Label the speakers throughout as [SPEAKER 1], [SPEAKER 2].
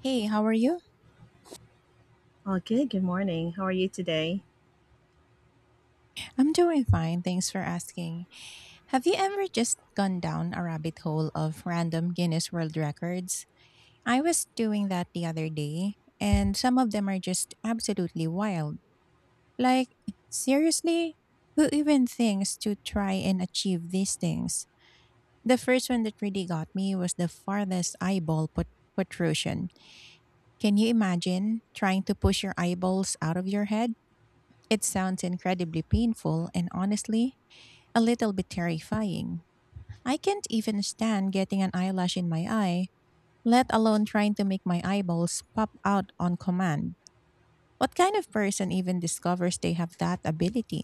[SPEAKER 1] Hey, how are you?
[SPEAKER 2] Oh, good. Good morning. How are you today?
[SPEAKER 1] I'm doing fine. Thanks for asking. Have you ever just gone down a rabbit hole of random Guinness World Records? I was doing that the other day, and some of them are just absolutely wild. Like, seriously? Who even thinks to try and achieve these things? The first one that really got me was the protrusion. Can you imagine trying to push your eyeballs out of your head? It sounds incredibly painful, and honestly, a little bit terrifying. I can't even stand getting an eyelash in my eye, let alone trying to make my eyeballs pop out on command. What kind of person even discovers they have that ability?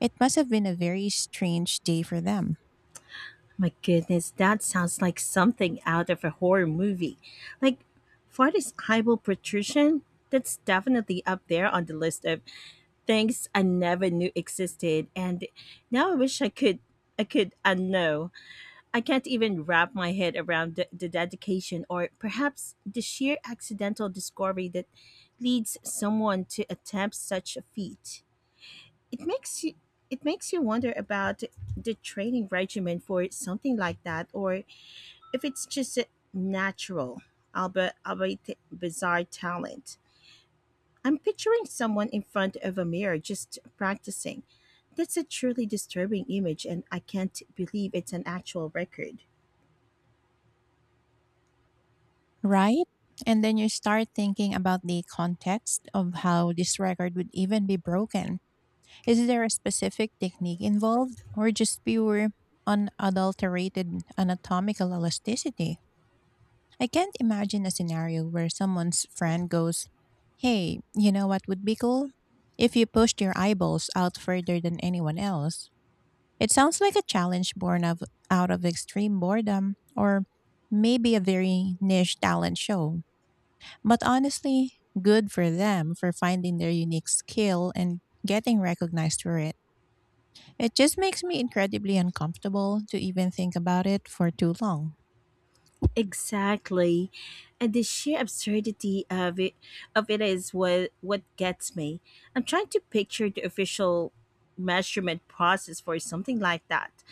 [SPEAKER 1] It must have been a very strange day for them,
[SPEAKER 2] My goodness, that sounds like something out of a horror movie. Like, for this eyeball protrusion, that's definitely up there on the list of things I never knew existed. And now I wish I could unknow. I can't even wrap my head around the dedication or perhaps the sheer accidental discovery that leads someone to attempt such a feat. It makes you it makes you wonder about the training regimen for something like that, or if it's just a natural, albeit bizarre talent. I'm picturing someone in front of a mirror just practicing. That's a truly disturbing image, and I can't believe it's an actual record.
[SPEAKER 1] right? And then you start thinking about the context of how this record would even be broken. Is there a specific technique involved, or just pure unadulterated anatomical elasticity? I can't imagine a scenario where someone's friend goes, "Hey, you know what would be cool? If you pushed your eyeballs out further than anyone else." It sounds like a challenge born of out of extreme boredom, or maybe a very niche talent show. But honestly, good for them for finding their unique skill and getting recognized for it. It just makes me incredibly uncomfortable to even think about it for too long.
[SPEAKER 2] Exactly. And the sheer absurdity of it is what gets me. I'm trying to picture the official measurement process for something like that.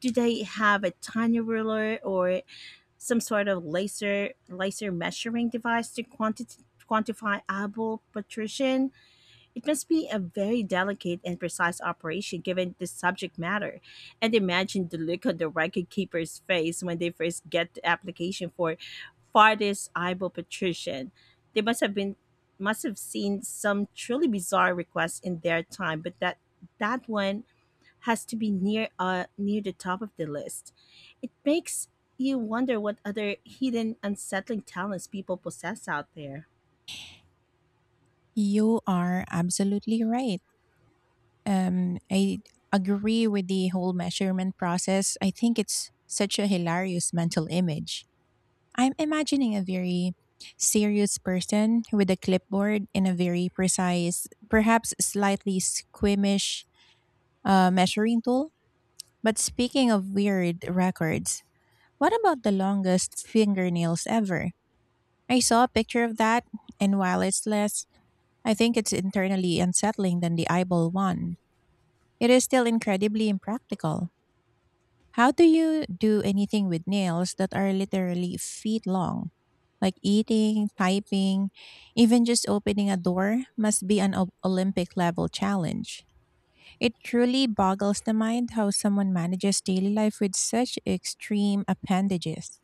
[SPEAKER 2] Do they have a tiny ruler or some sort of laser measuring device to quantify eyeball protrusion? It must be a very delicate and precise operation given the subject matter. And imagine the look on the record keeper's face when they first get the application for farthest eyeball patrician. They must have seen some truly bizarre requests in their time, but that that one has to be near the top of the list. It makes you wonder what other hidden, unsettling talents people possess out there.
[SPEAKER 1] You are absolutely right. I agree with the whole measurement process. I think it's such a hilarious mental image. I'm imagining a very serious person with a clipboard and a very precise, perhaps slightly squeamish, measuring tool. But speaking of weird records, what about the longest fingernails ever? I saw a picture of that, and while it's less, I think it's internally unsettling than the eyeball one. It is still incredibly impractical. How do you do anything with nails that are literally feet long? Like eating, typing, even just opening a door must be an Olympic level challenge. It truly boggles the mind how someone manages daily life with such extreme appendages.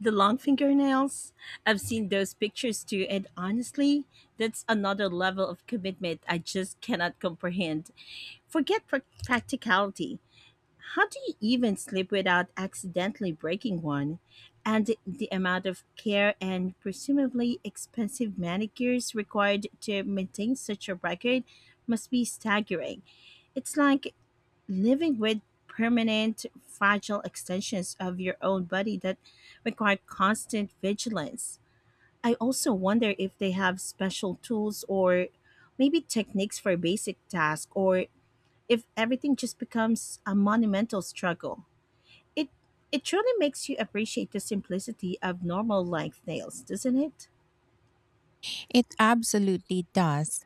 [SPEAKER 2] The long fingernails, I've seen those pictures too, and honestly, that's another level of commitment I just cannot comprehend. Forget practicality. How do you even sleep without accidentally breaking one? And the amount of care and presumably expensive manicures required to maintain such a record must be staggering. It's like living with permanent fragile extensions of your own body that require constant vigilance. I also wonder if they have special tools or maybe techniques for basic tasks or if everything just becomes a monumental struggle. It it truly makes you appreciate the simplicity of normal length nails, doesn't it?
[SPEAKER 1] It absolutely does.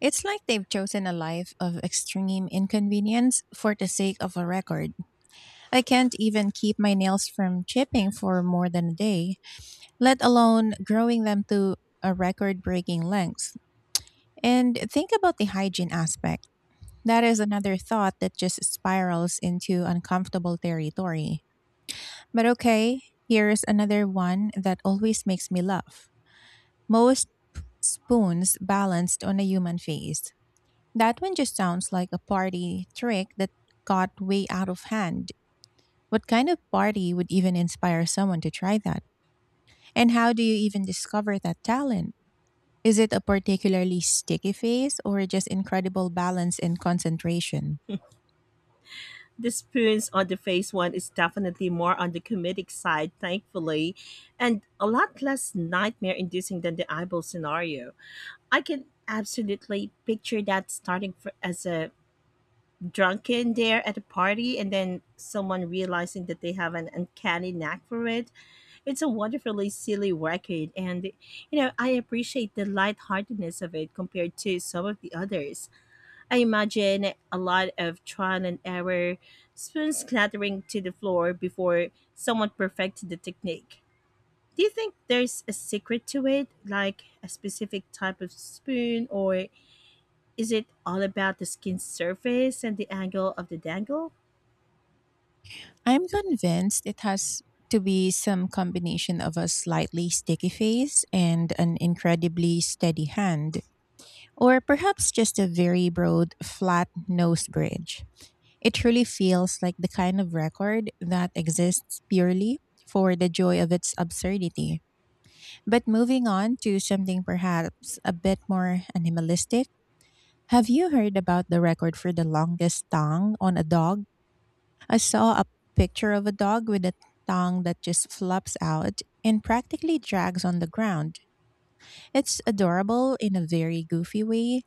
[SPEAKER 1] It's like they've chosen a life of extreme inconvenience for the sake of a record. I can't even keep my nails from chipping for more than a day, let alone growing them to a record breaking lengths. And think about the hygiene aspect. That is another thought that just spirals into uncomfortable territory. But okay, here's another one that always makes me laugh. Most spoons balanced on a human face. That one just sounds like a party trick that got way out of hand. What kind of party would even inspire someone to try that? And how do you even discover that talent? Is it a particularly sticky face, or just incredible balance and concentration?
[SPEAKER 2] The spoons on the face one is definitely more on the comedic side, thankfully, and a lot less nightmare inducing than the eyeball scenario. I can absolutely picture that starting fr as a drunken dare at a party and then someone realizing that they have an uncanny knack for it. It's a wonderfully silly record, and I appreciate the lightheartedness of it compared to some of the others. I imagine a lot of trial and error, spoons clattering to the floor before someone perfected the technique. Do you think there's a secret to it, like a specific type of spoon or is it all about the skin surface and the angle of the dangle?
[SPEAKER 1] I'm convinced it has to be some combination of a slightly sticky face and an incredibly steady hand, or perhaps just a very broad, flat nose bridge. It truly feels like the kind of record that exists purely for the joy of its absurdity. But moving on to something perhaps a bit more animalistic, have you heard about the record for the longest tongue on a dog? I saw a picture of a dog with a tongue that just flops out and practically drags on the ground. It's adorable in a very goofy way,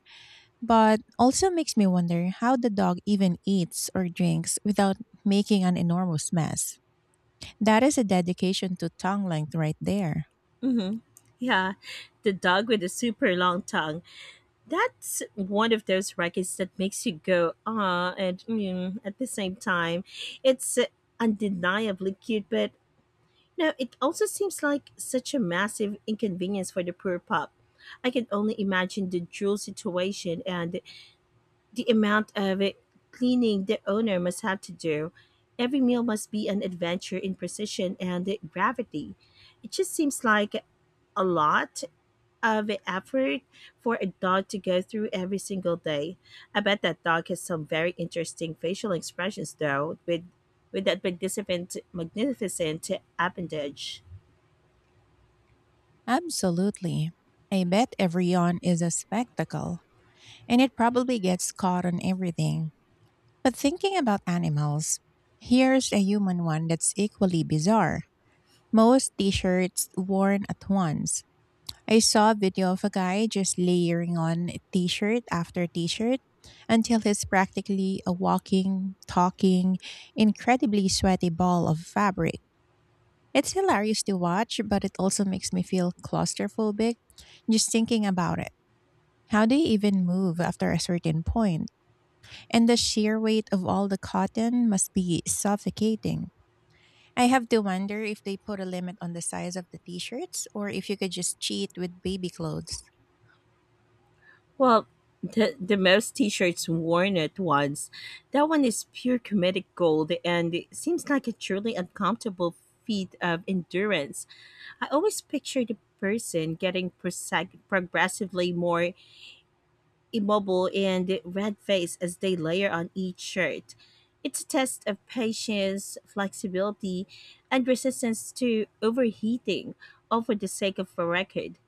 [SPEAKER 1] but also makes me wonder how the dog even eats or drinks without making an enormous mess. That is a dedication to tongue length right there.
[SPEAKER 2] Mm-hmm. Yeah, the dog with the super long tongue. That's one of those records that makes you go, ah, and mm, at the same time. It's undeniably cute, but no, it also seems like such a massive inconvenience for the poor pup. I can only imagine the drool situation and the amount of it cleaning the owner must have to do. Every meal must be an adventure in precision and gravity. It just seems like a lot of effort for a dog to go through every single day. I bet that dog has some very interesting facial expressions though, with that magnificent appendage.
[SPEAKER 1] Absolutely. I bet every yawn is a spectacle, and it probably gets caught on everything. But thinking about animals, here's a human one that's equally bizarre. Most t shirts worn at once. I saw a video of a guy just layering on t shirt after t shirt until he's practically a walking, talking, incredibly sweaty ball of fabric. It's hilarious to watch, but it also makes me feel claustrophobic just thinking about it. How do you even move after a certain point? And the sheer weight of all the cotton must be suffocating. I have to wonder if they put a limit on the size of the t shirts, or if you could just cheat with baby clothes.
[SPEAKER 2] Well, the mouse t-shirts worn at once. That one is pure comedic gold and it seems like a truly uncomfortable feat of endurance. I always picture the person getting progressively more immobile and red-faced as they layer on each shirt. It's a test of patience, flexibility, and resistance to overheating, all for the sake of a record.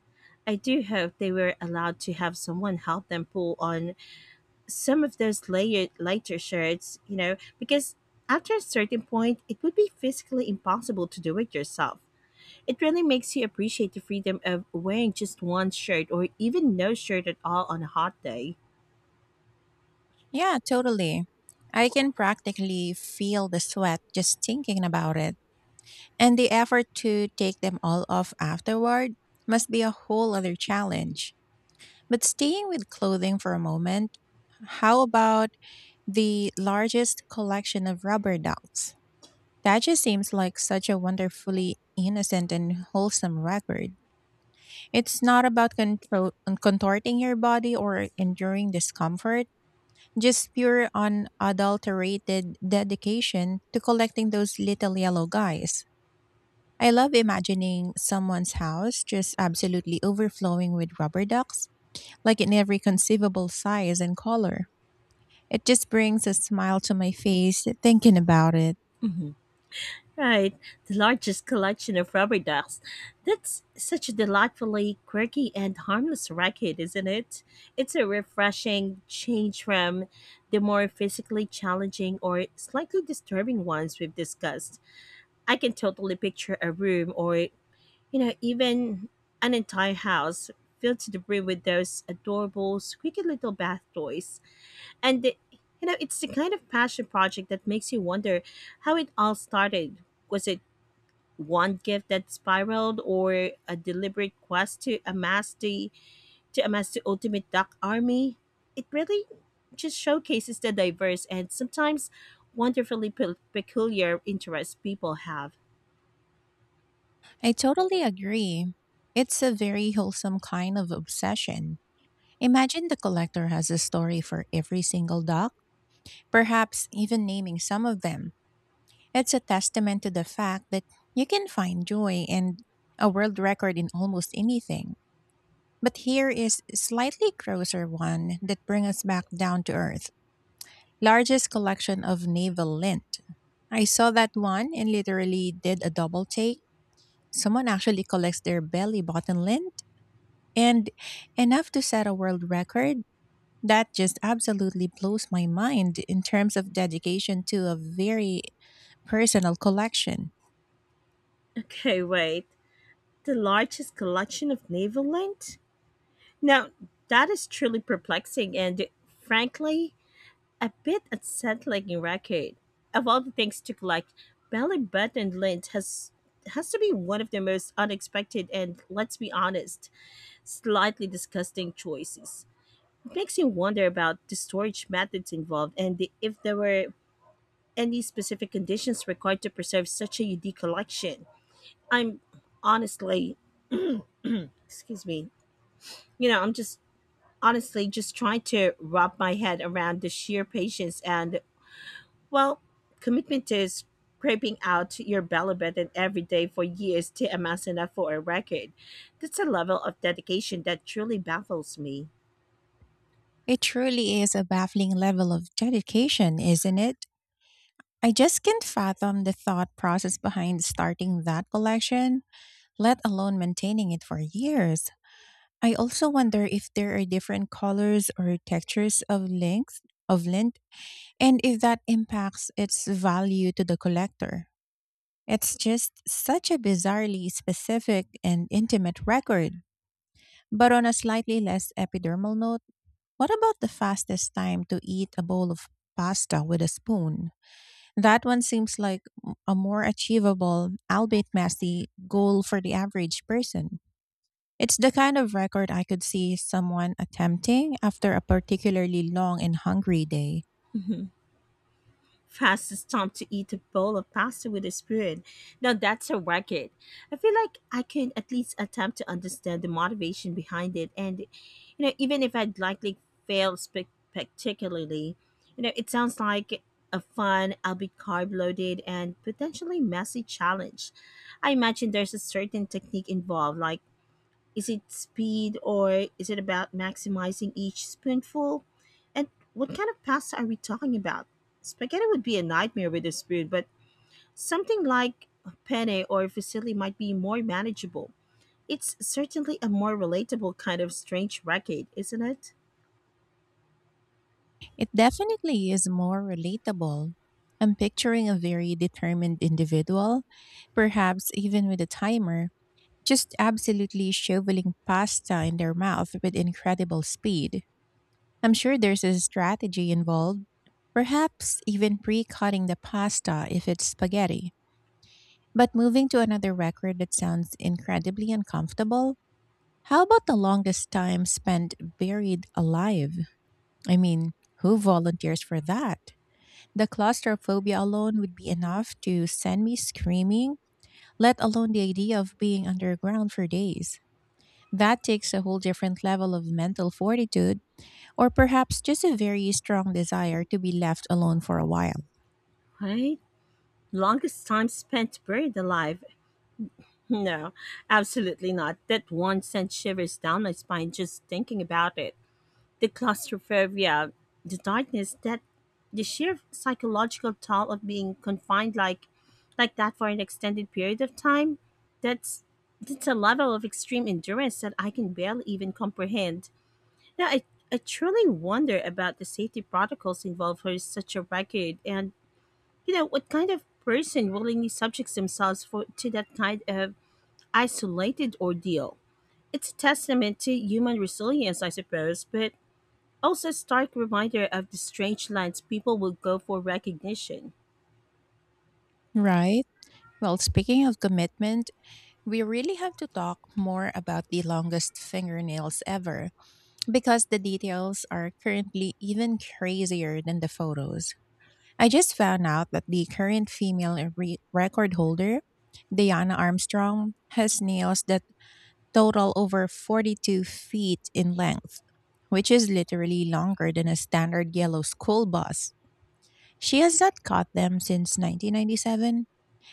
[SPEAKER 2] I do hope they were allowed to have someone help them pull on some of those layered lighter shirts, because after a certain point, it would be physically impossible to do it yourself. It really makes you appreciate the freedom of wearing just one shirt or even no shirt at all on a hot day.
[SPEAKER 1] Yeah, totally. I can practically feel the sweat just thinking about it. And the effort to take them all off afterward must be a whole other challenge. But staying with clothing for a moment, how about the largest collection of rubber ducks? That just seems like such a wonderfully innocent and wholesome record. It's not about contorting your body or enduring discomfort, just pure unadulterated dedication to collecting those little yellow guys. I love imagining someone's house just absolutely overflowing with rubber ducks, like in every conceivable size and color. It just brings a smile to my face thinking about it.
[SPEAKER 2] Hmm. Right, the largest collection of rubber ducks. That's such a delightfully quirky and harmless racket, isn't it? It's a refreshing change from the more physically challenging or slightly disturbing ones we've discussed. I can totally picture a room or, even an entire house filled to the brim with those adorable, squeaky little bath toys. And it's the kind of passion project that makes you wonder how it all started. Was it one gift that spiraled or a deliberate quest to amass the ultimate duck army? It really just showcases the diverse and sometimes wonderfully peculiar interests people have.
[SPEAKER 1] I totally agree. It's a very wholesome kind of obsession. Imagine the collector has a story for every single dog, perhaps even naming some of them. It's a testament to the fact that you can find joy and a world record in almost anything. But here is a slightly grosser one that brings us back down to earth. Largest collection of navel lint. I saw that one and literally did a double take. Someone actually collects their belly button lint, and enough to set a world record? That just absolutely blows my mind in terms of dedication to a very personal collection.
[SPEAKER 2] Okay, wait. The largest collection of naval lint? Now, that is truly perplexing and, frankly, a bit unsettling record. Of all the things to collect, belly button lint has to be one of the most unexpected and, let's be honest, slightly disgusting choices. It makes you wonder about the storage methods involved and if there were any specific conditions required to preserve such a unique collection. I'm honestly, excuse me, I'm just honestly just trying to wrap my head around the sheer patience and, well, commitment to scraping out your belly button every day for years to amass enough for a record. That's a level of dedication that truly baffles me.
[SPEAKER 1] It truly is a baffling level of dedication, isn't it? I just can't fathom the thought process behind starting that collection, let alone maintaining it for years. I also wonder if there are different colors or textures of length of lint, and if that impacts its value to the collector. It's just such a bizarrely specific and intimate record. But on a slightly less epidermal note, what about the fastest time to eat a bowl of pasta with a spoon? That one seems like a more achievable, albeit messy, goal for the average person. It's the kind of record I could see someone attempting after a particularly long and hungry day.
[SPEAKER 2] Fastest time to eat a bowl of pasta with a spoon. Now that's a record. I feel like I could at least attempt to understand the motivation behind it, and even if I'd likely fail spectacularly, it sounds like a fun, albeit carb loaded and potentially messy challenge. I imagine there's a certain technique involved, like is it speed or is it about maximizing each spoonful? And what kind of pasta are we talking about? Spaghetti would be a nightmare with a spoon, but something like penne or fusilli might be more manageable. It's certainly a more relatable kind of strange racket, isn't it?
[SPEAKER 1] It definitely is more relatable. I'm picturing a very determined individual, perhaps even with a timer, just absolutely shoveling pasta in their mouth with incredible speed. I'm sure there's a strategy involved, perhaps even pre cutting the pasta if it's spaghetti. But moving to another record that sounds incredibly uncomfortable, how about the longest time spent buried alive? I mean, who volunteers for that? The claustrophobia alone would be enough to send me screaming, let alone the idea of being underground for days. That takes a whole different level of mental fortitude, or perhaps just a very strong desire to be left alone for a while.
[SPEAKER 2] Right? Longest time spent buried alive. No, absolutely not. That one sent shivers down my spine just thinking about it. The claustrophobia, the darkness, that the sheer psychological toll of being confined like that for an extended period of time, that's that's a level of extreme endurance that I can barely even comprehend. Now I truly wonder about the safety protocols involved for such a record and what kind of person willingly subjects themselves for to that kind of isolated ordeal. It's a testament to human resilience, I suppose, but also, a stark reminder of the strange lines people would go for recognition.
[SPEAKER 1] Right? Well, speaking of commitment, we really have to talk more about the longest fingernails ever, because the details are currently even crazier than the photos. I just found out that the current female record holder, Diana Armstrong, has nails that total over 42 feet in length, which is literally longer than a standard yellow school bus. She has not cut them since 1997,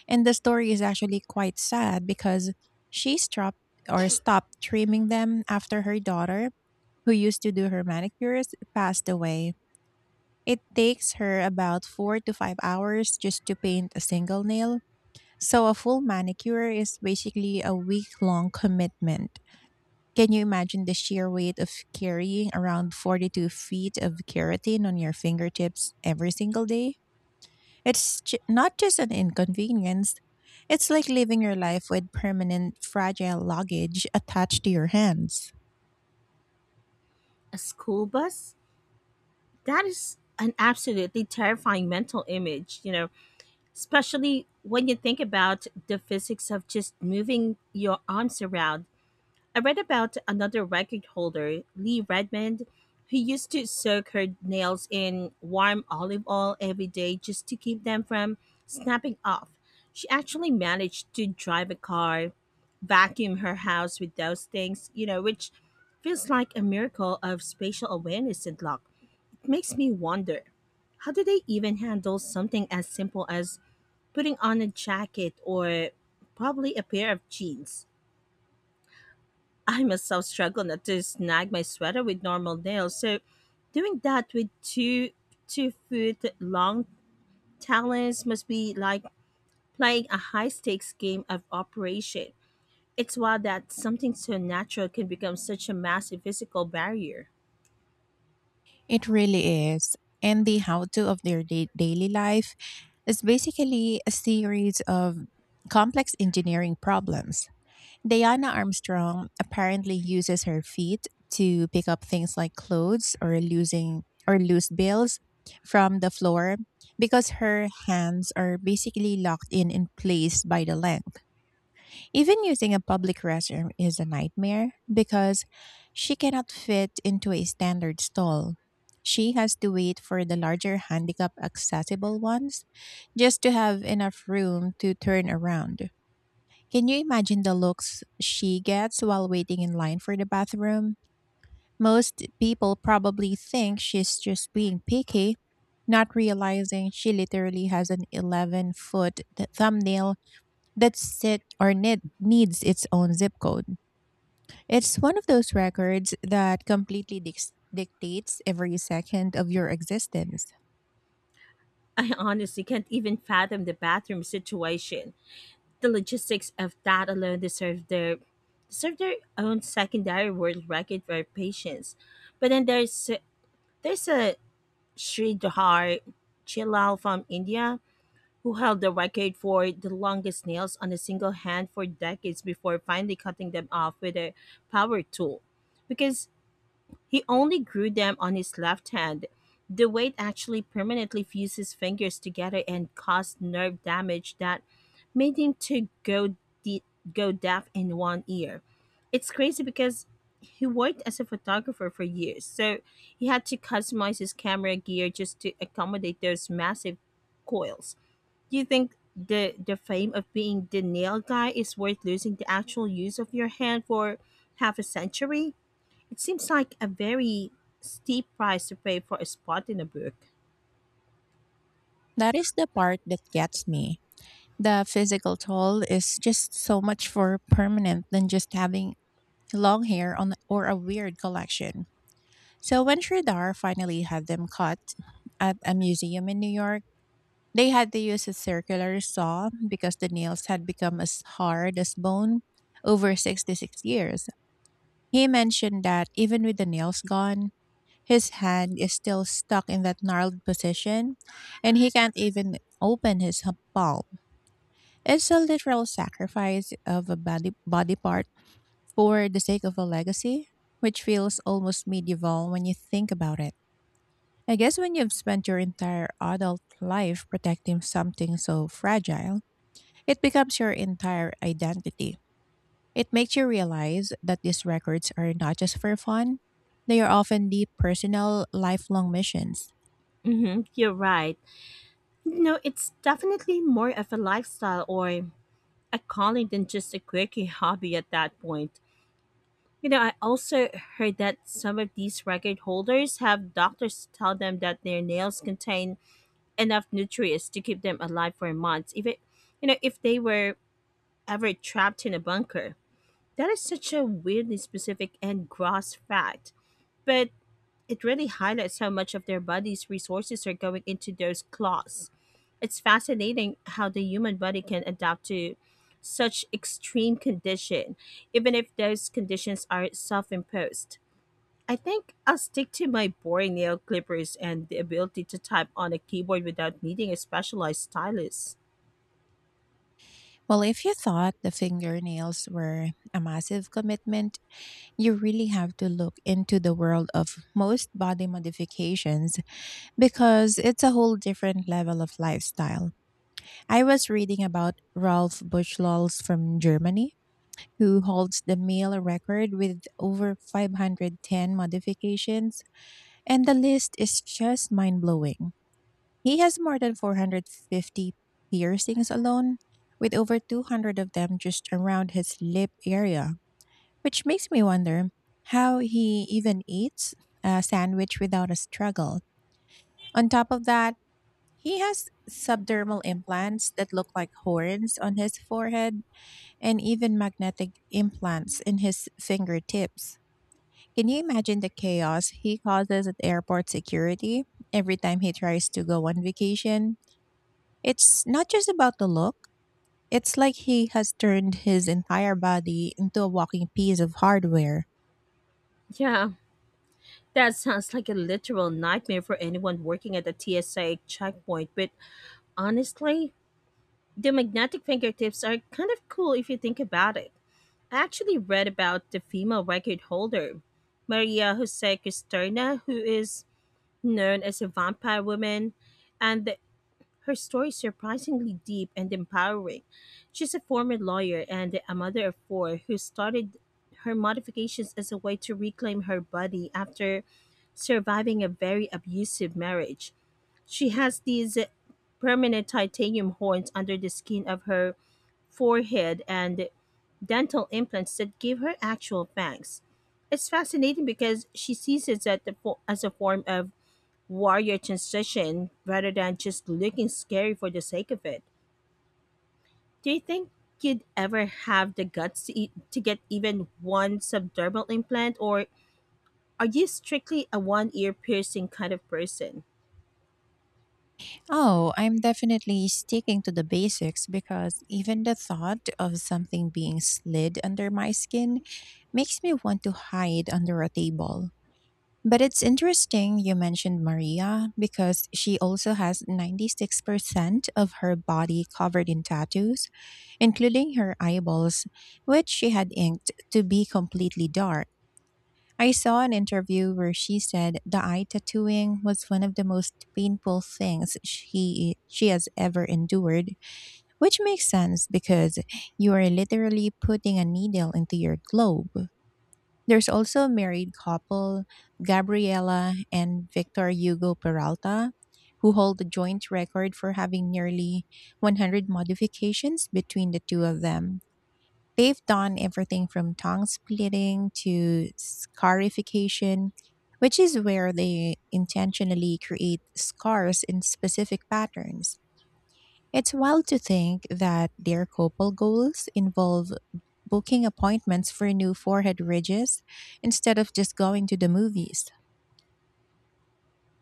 [SPEAKER 1] and the story is actually quite sad because she stopped trimming them after her daughter, who used to do her manicures, passed away. It takes her about 4 to 5 hours just to paint a single nail. So a full manicure is basically a week long commitment. Can you imagine the sheer weight of carrying around 42 feet of keratin on your fingertips every single day? It's not just an inconvenience, it's like living your life with permanent fragile luggage attached to your hands.
[SPEAKER 2] A school bus? That is an absolutely terrifying mental image, especially when you think about the physics of just moving your arms around. I read about another record holder, Lee Redmond, who used to soak her nails in warm olive oil every day just to keep them from snapping off. She actually managed to drive a car, vacuum her house with those things, which feels like a miracle of spatial awareness and luck. It makes me wonder how do they even handle something as simple as putting on a jacket or probably a pair of jeans? I myself struggle not to snag my sweater with normal nails, so doing that with two foot long talons must be like playing a high stakes game of operation. It's wild that something so natural can become such a massive physical barrier.
[SPEAKER 1] It really is. And the how to of their daily life, it's basically a series of complex engineering problems. Diana Armstrong apparently uses her feet to pick up things like clothes or losing or loose bills from the floor, because her hands are basically locked in place by the length. Even using a public restroom is a nightmare because she cannot fit into a standard stall. She has to wait for the larger handicap accessible ones just to have enough room to turn around. Can you imagine the looks she gets while waiting in line for the bathroom? Most people probably think she's just being picky, not realizing she literally has an 11-foot thumbnail that needs its own zip code. It's one of those records that completely dictates every second of your existence.
[SPEAKER 2] I honestly can't even fathom the bathroom situation. The logistics of that alone deserve their own secondary world record for patience. But then there's a Sridhar Chilal from India, who held the record for the longest nails on a single hand for decades before finally cutting them off with a power tool. Because he only grew them on his left hand. The weight actually permanently fused his fingers together and caused nerve damage that made him to go de- go deaf in one ear. It's crazy because he worked as a photographer for years, so he had to customize his camera gear just to accommodate those massive coils. Do you think the fame of being the nail guy is worth losing the actual use of your hand for half a century? It seems like a very steep price to pay for a spot in a book.
[SPEAKER 1] That is the part that gets me. The physical toll is just so much more permanent than just having long hair on or a weird collection. So when Sridhar finally had them cut at a museum in New York, they had to use a circular saw because the nails had become as hard as bone over 66 years. He mentioned that even with the nails gone, his hand is still stuck in that gnarled position, and he can't even open his palm. It's a literal sacrifice of a body part for the sake of a legacy, which feels almost medieval when you think about it. I guess when you've spent your entire adult life protecting something so fragile, it becomes your entire identity. It makes you realize that these records are not just for fun, they are often deep personal, lifelong missions.
[SPEAKER 2] Hmm. You're right. You know, it's definitely more of a lifestyle or a calling than just a quirky hobby at that point. I also heard that some of these record holders have doctors tell them that their nails contain enough nutrients to keep them alive for months, If it, you know, if they were ever trapped in a bunker. That is such a weirdly specific and gross fact. But it really highlights how much of their body's resources are going into those claws. It's fascinating how the human body can adapt to such extreme condition, even if those conditions are self-imposed. I think I'll stick to my boring nail clippers and the ability to type on a keyboard without needing a specialized stylus.
[SPEAKER 1] Well, if you thought the fingernails were a massive commitment, you really have to look into the world of most body modifications because it's a whole different level of lifestyle. I was reading about Ralph Buchlals from Germany, who holds the mail record with over 510 modifications, and the list is just mind blowing. He has more than 450 piercings alone, with over 200 of them just around his lip area, which makes me wonder how he even eats a sandwich without a struggle. On top of that, he has subdermal implants that look like horns on his forehead and even magnetic implants in his fingertips. Can you imagine the chaos he causes at airport security every time he tries to go on vacation? It's not just about the look, it's like he has turned his entire body into a walking piece of hardware.
[SPEAKER 2] Yeah, that sounds like a literal nightmare for anyone working at the TSA checkpoint, but honestly, the magnetic fingertips are kind of cool if you think about it. I actually read about the female record holder, Maria Jose Cristerna, who is known as a vampire woman, and her story is surprisingly deep and empowering. She's a former lawyer and a mother of four who started her modifications as a way to reclaim her body after surviving a very abusive marriage. She has these permanent titanium horns under the skin of her forehead and dental implants that give her actual fangs. It's fascinating because she sees it as a form of warrior transition rather than just looking scary for the sake of it. Do you think you'd ever have the guts to, to get even one subdermal implant, or are you strictly a one ear piercing kind of person?
[SPEAKER 1] Oh, I'm definitely sticking to the basics because even the thought of something being slid under my skin makes me want to hide under a table. But it's interesting you mentioned Maria, because she also has 96% of her body covered in tattoos, including her eyeballs, which she had inked to be completely dark. I saw an interview where she said the eye tattooing was one of the most painful things she has ever endured, which makes sense because you are literally putting a needle into your globe. There's also a married couple, Gabriela and Victor Hugo Peralta, who hold the joint record for having nearly 100 modifications between the two of them. They've done everything from tongue splitting to scarification, which is where they intentionally create scars in specific patterns. It's wild to think that their couple goals involve booking appointments for new forehead ridges instead of just going to the movies.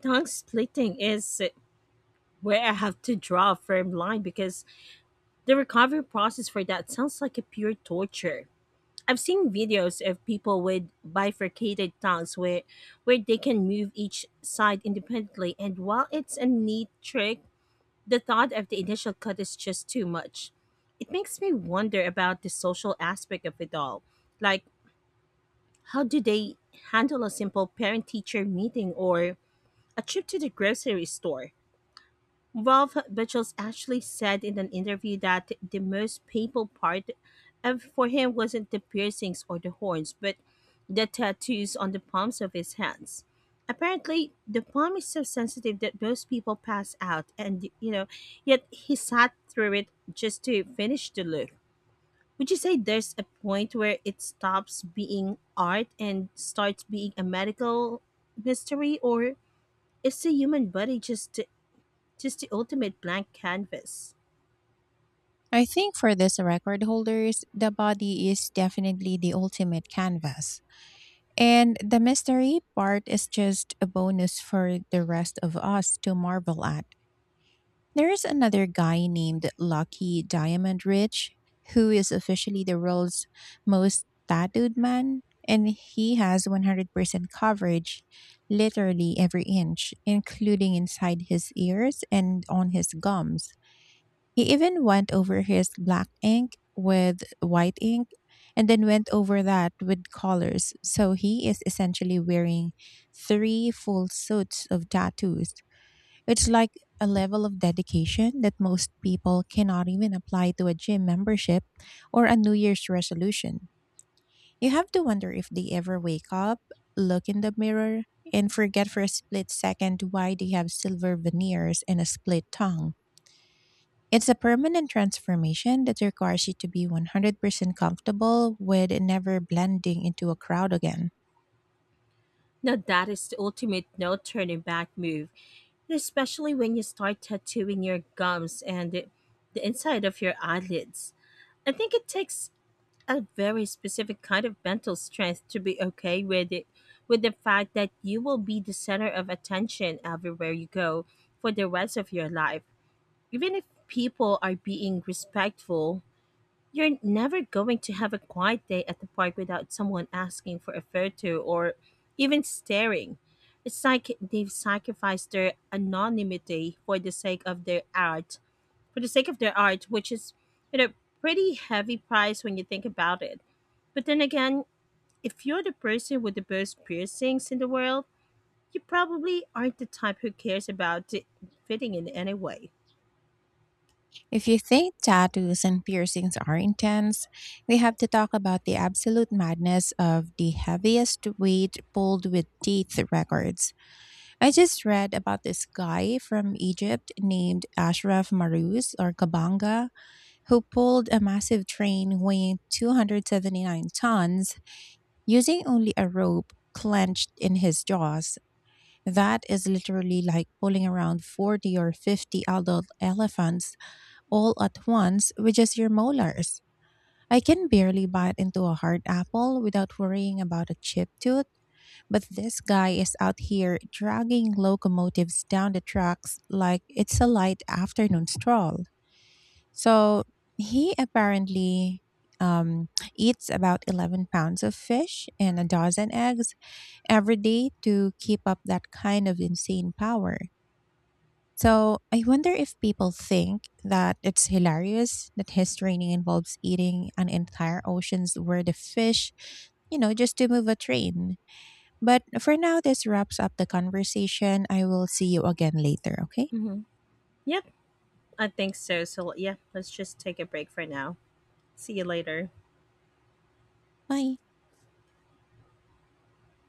[SPEAKER 2] Tongue splitting is where I have to draw a firm line because the recovery process for that sounds like a pure torture. I've seen videos of people with bifurcated tongues where they can move each side independently, and while it's a neat trick, the thought of the initial cut is just too much. It makes me wonder about the social aspect of it all. Like, how do they handle a simple parent teacher meeting or a trip to the grocery store? Ralph Buchholz actually said in an interview that the most painful part for him wasn't the piercings or the horns, but the tattoos on the palms of his hands. Apparently, the palm is so sensitive that most people pass out, and yet he sat through it just to finish the look. Would you say there's a point where it stops being art and starts being a medical mystery, or is the human body just the ultimate blank canvas?
[SPEAKER 1] I think for these record holders, the body is definitely the ultimate canvas, and the mystery part is just a bonus for the rest of us to marvel at. There is another guy named Lucky Diamond Rich, who is officially the world's most tattooed man, and he has 100% coverage, literally every inch, including inside his ears and on his gums. He even went over his black ink with white ink and then went over that with colors, so he is essentially wearing three full suits of tattoos. It's like a level of dedication that most people cannot even apply to a gym membership or a New Year's resolution. You have to wonder if they ever wake up, look in the mirror, and forget for a split second why they have silver veneers and a split tongue. It's a permanent transformation that requires you to be 100% comfortable with never blending into a crowd again.
[SPEAKER 2] Now that is the ultimate no turning back move, and especially when you start tattooing your gums and the inside of your eyelids. I think it takes a very specific kind of mental strength to be okay with it, with the fact that you will be the center of attention everywhere you go for the rest of your life. Even if people are being respectful, you're never going to have a quiet day at the park without someone asking for a photo or even staring. It's like they've sacrificed their anonymity for the sake of their art, which is, you know, pretty heavy price when you think about it. But then again, if you're the person with the most piercings in the world, you probably aren't the type who cares about it fitting in anyway.
[SPEAKER 1] If you think tattoos and piercings are intense, we have to talk about the absolute madness of the heaviest weight pulled with teeth records. I just read about this guy from Egypt named Ashraf Marouz, or Kabanga, who pulled a massive train weighing 279 tons using only a rope clenched in his jaws. That is literally like pulling around 40 or 50 adult elephants all at once with just your molars. I can barely bite into a hard apple without worrying about a chip tooth, but this guy is out here dragging locomotives down the tracks like it's a light afternoon stroll. So he apparently um, eats about 11 pounds of fish and a dozen eggs every day to keep up that kind of insane power. So I wonder if people think that it's hilarious that his training involves eating an entire ocean's worth of fish, just to move a train. But for now, this wraps up the conversation. I will see you again later, okay?
[SPEAKER 2] Hmm. Yep, I think so. So, yeah, let's just take a break for now. See you later.
[SPEAKER 1] Bye.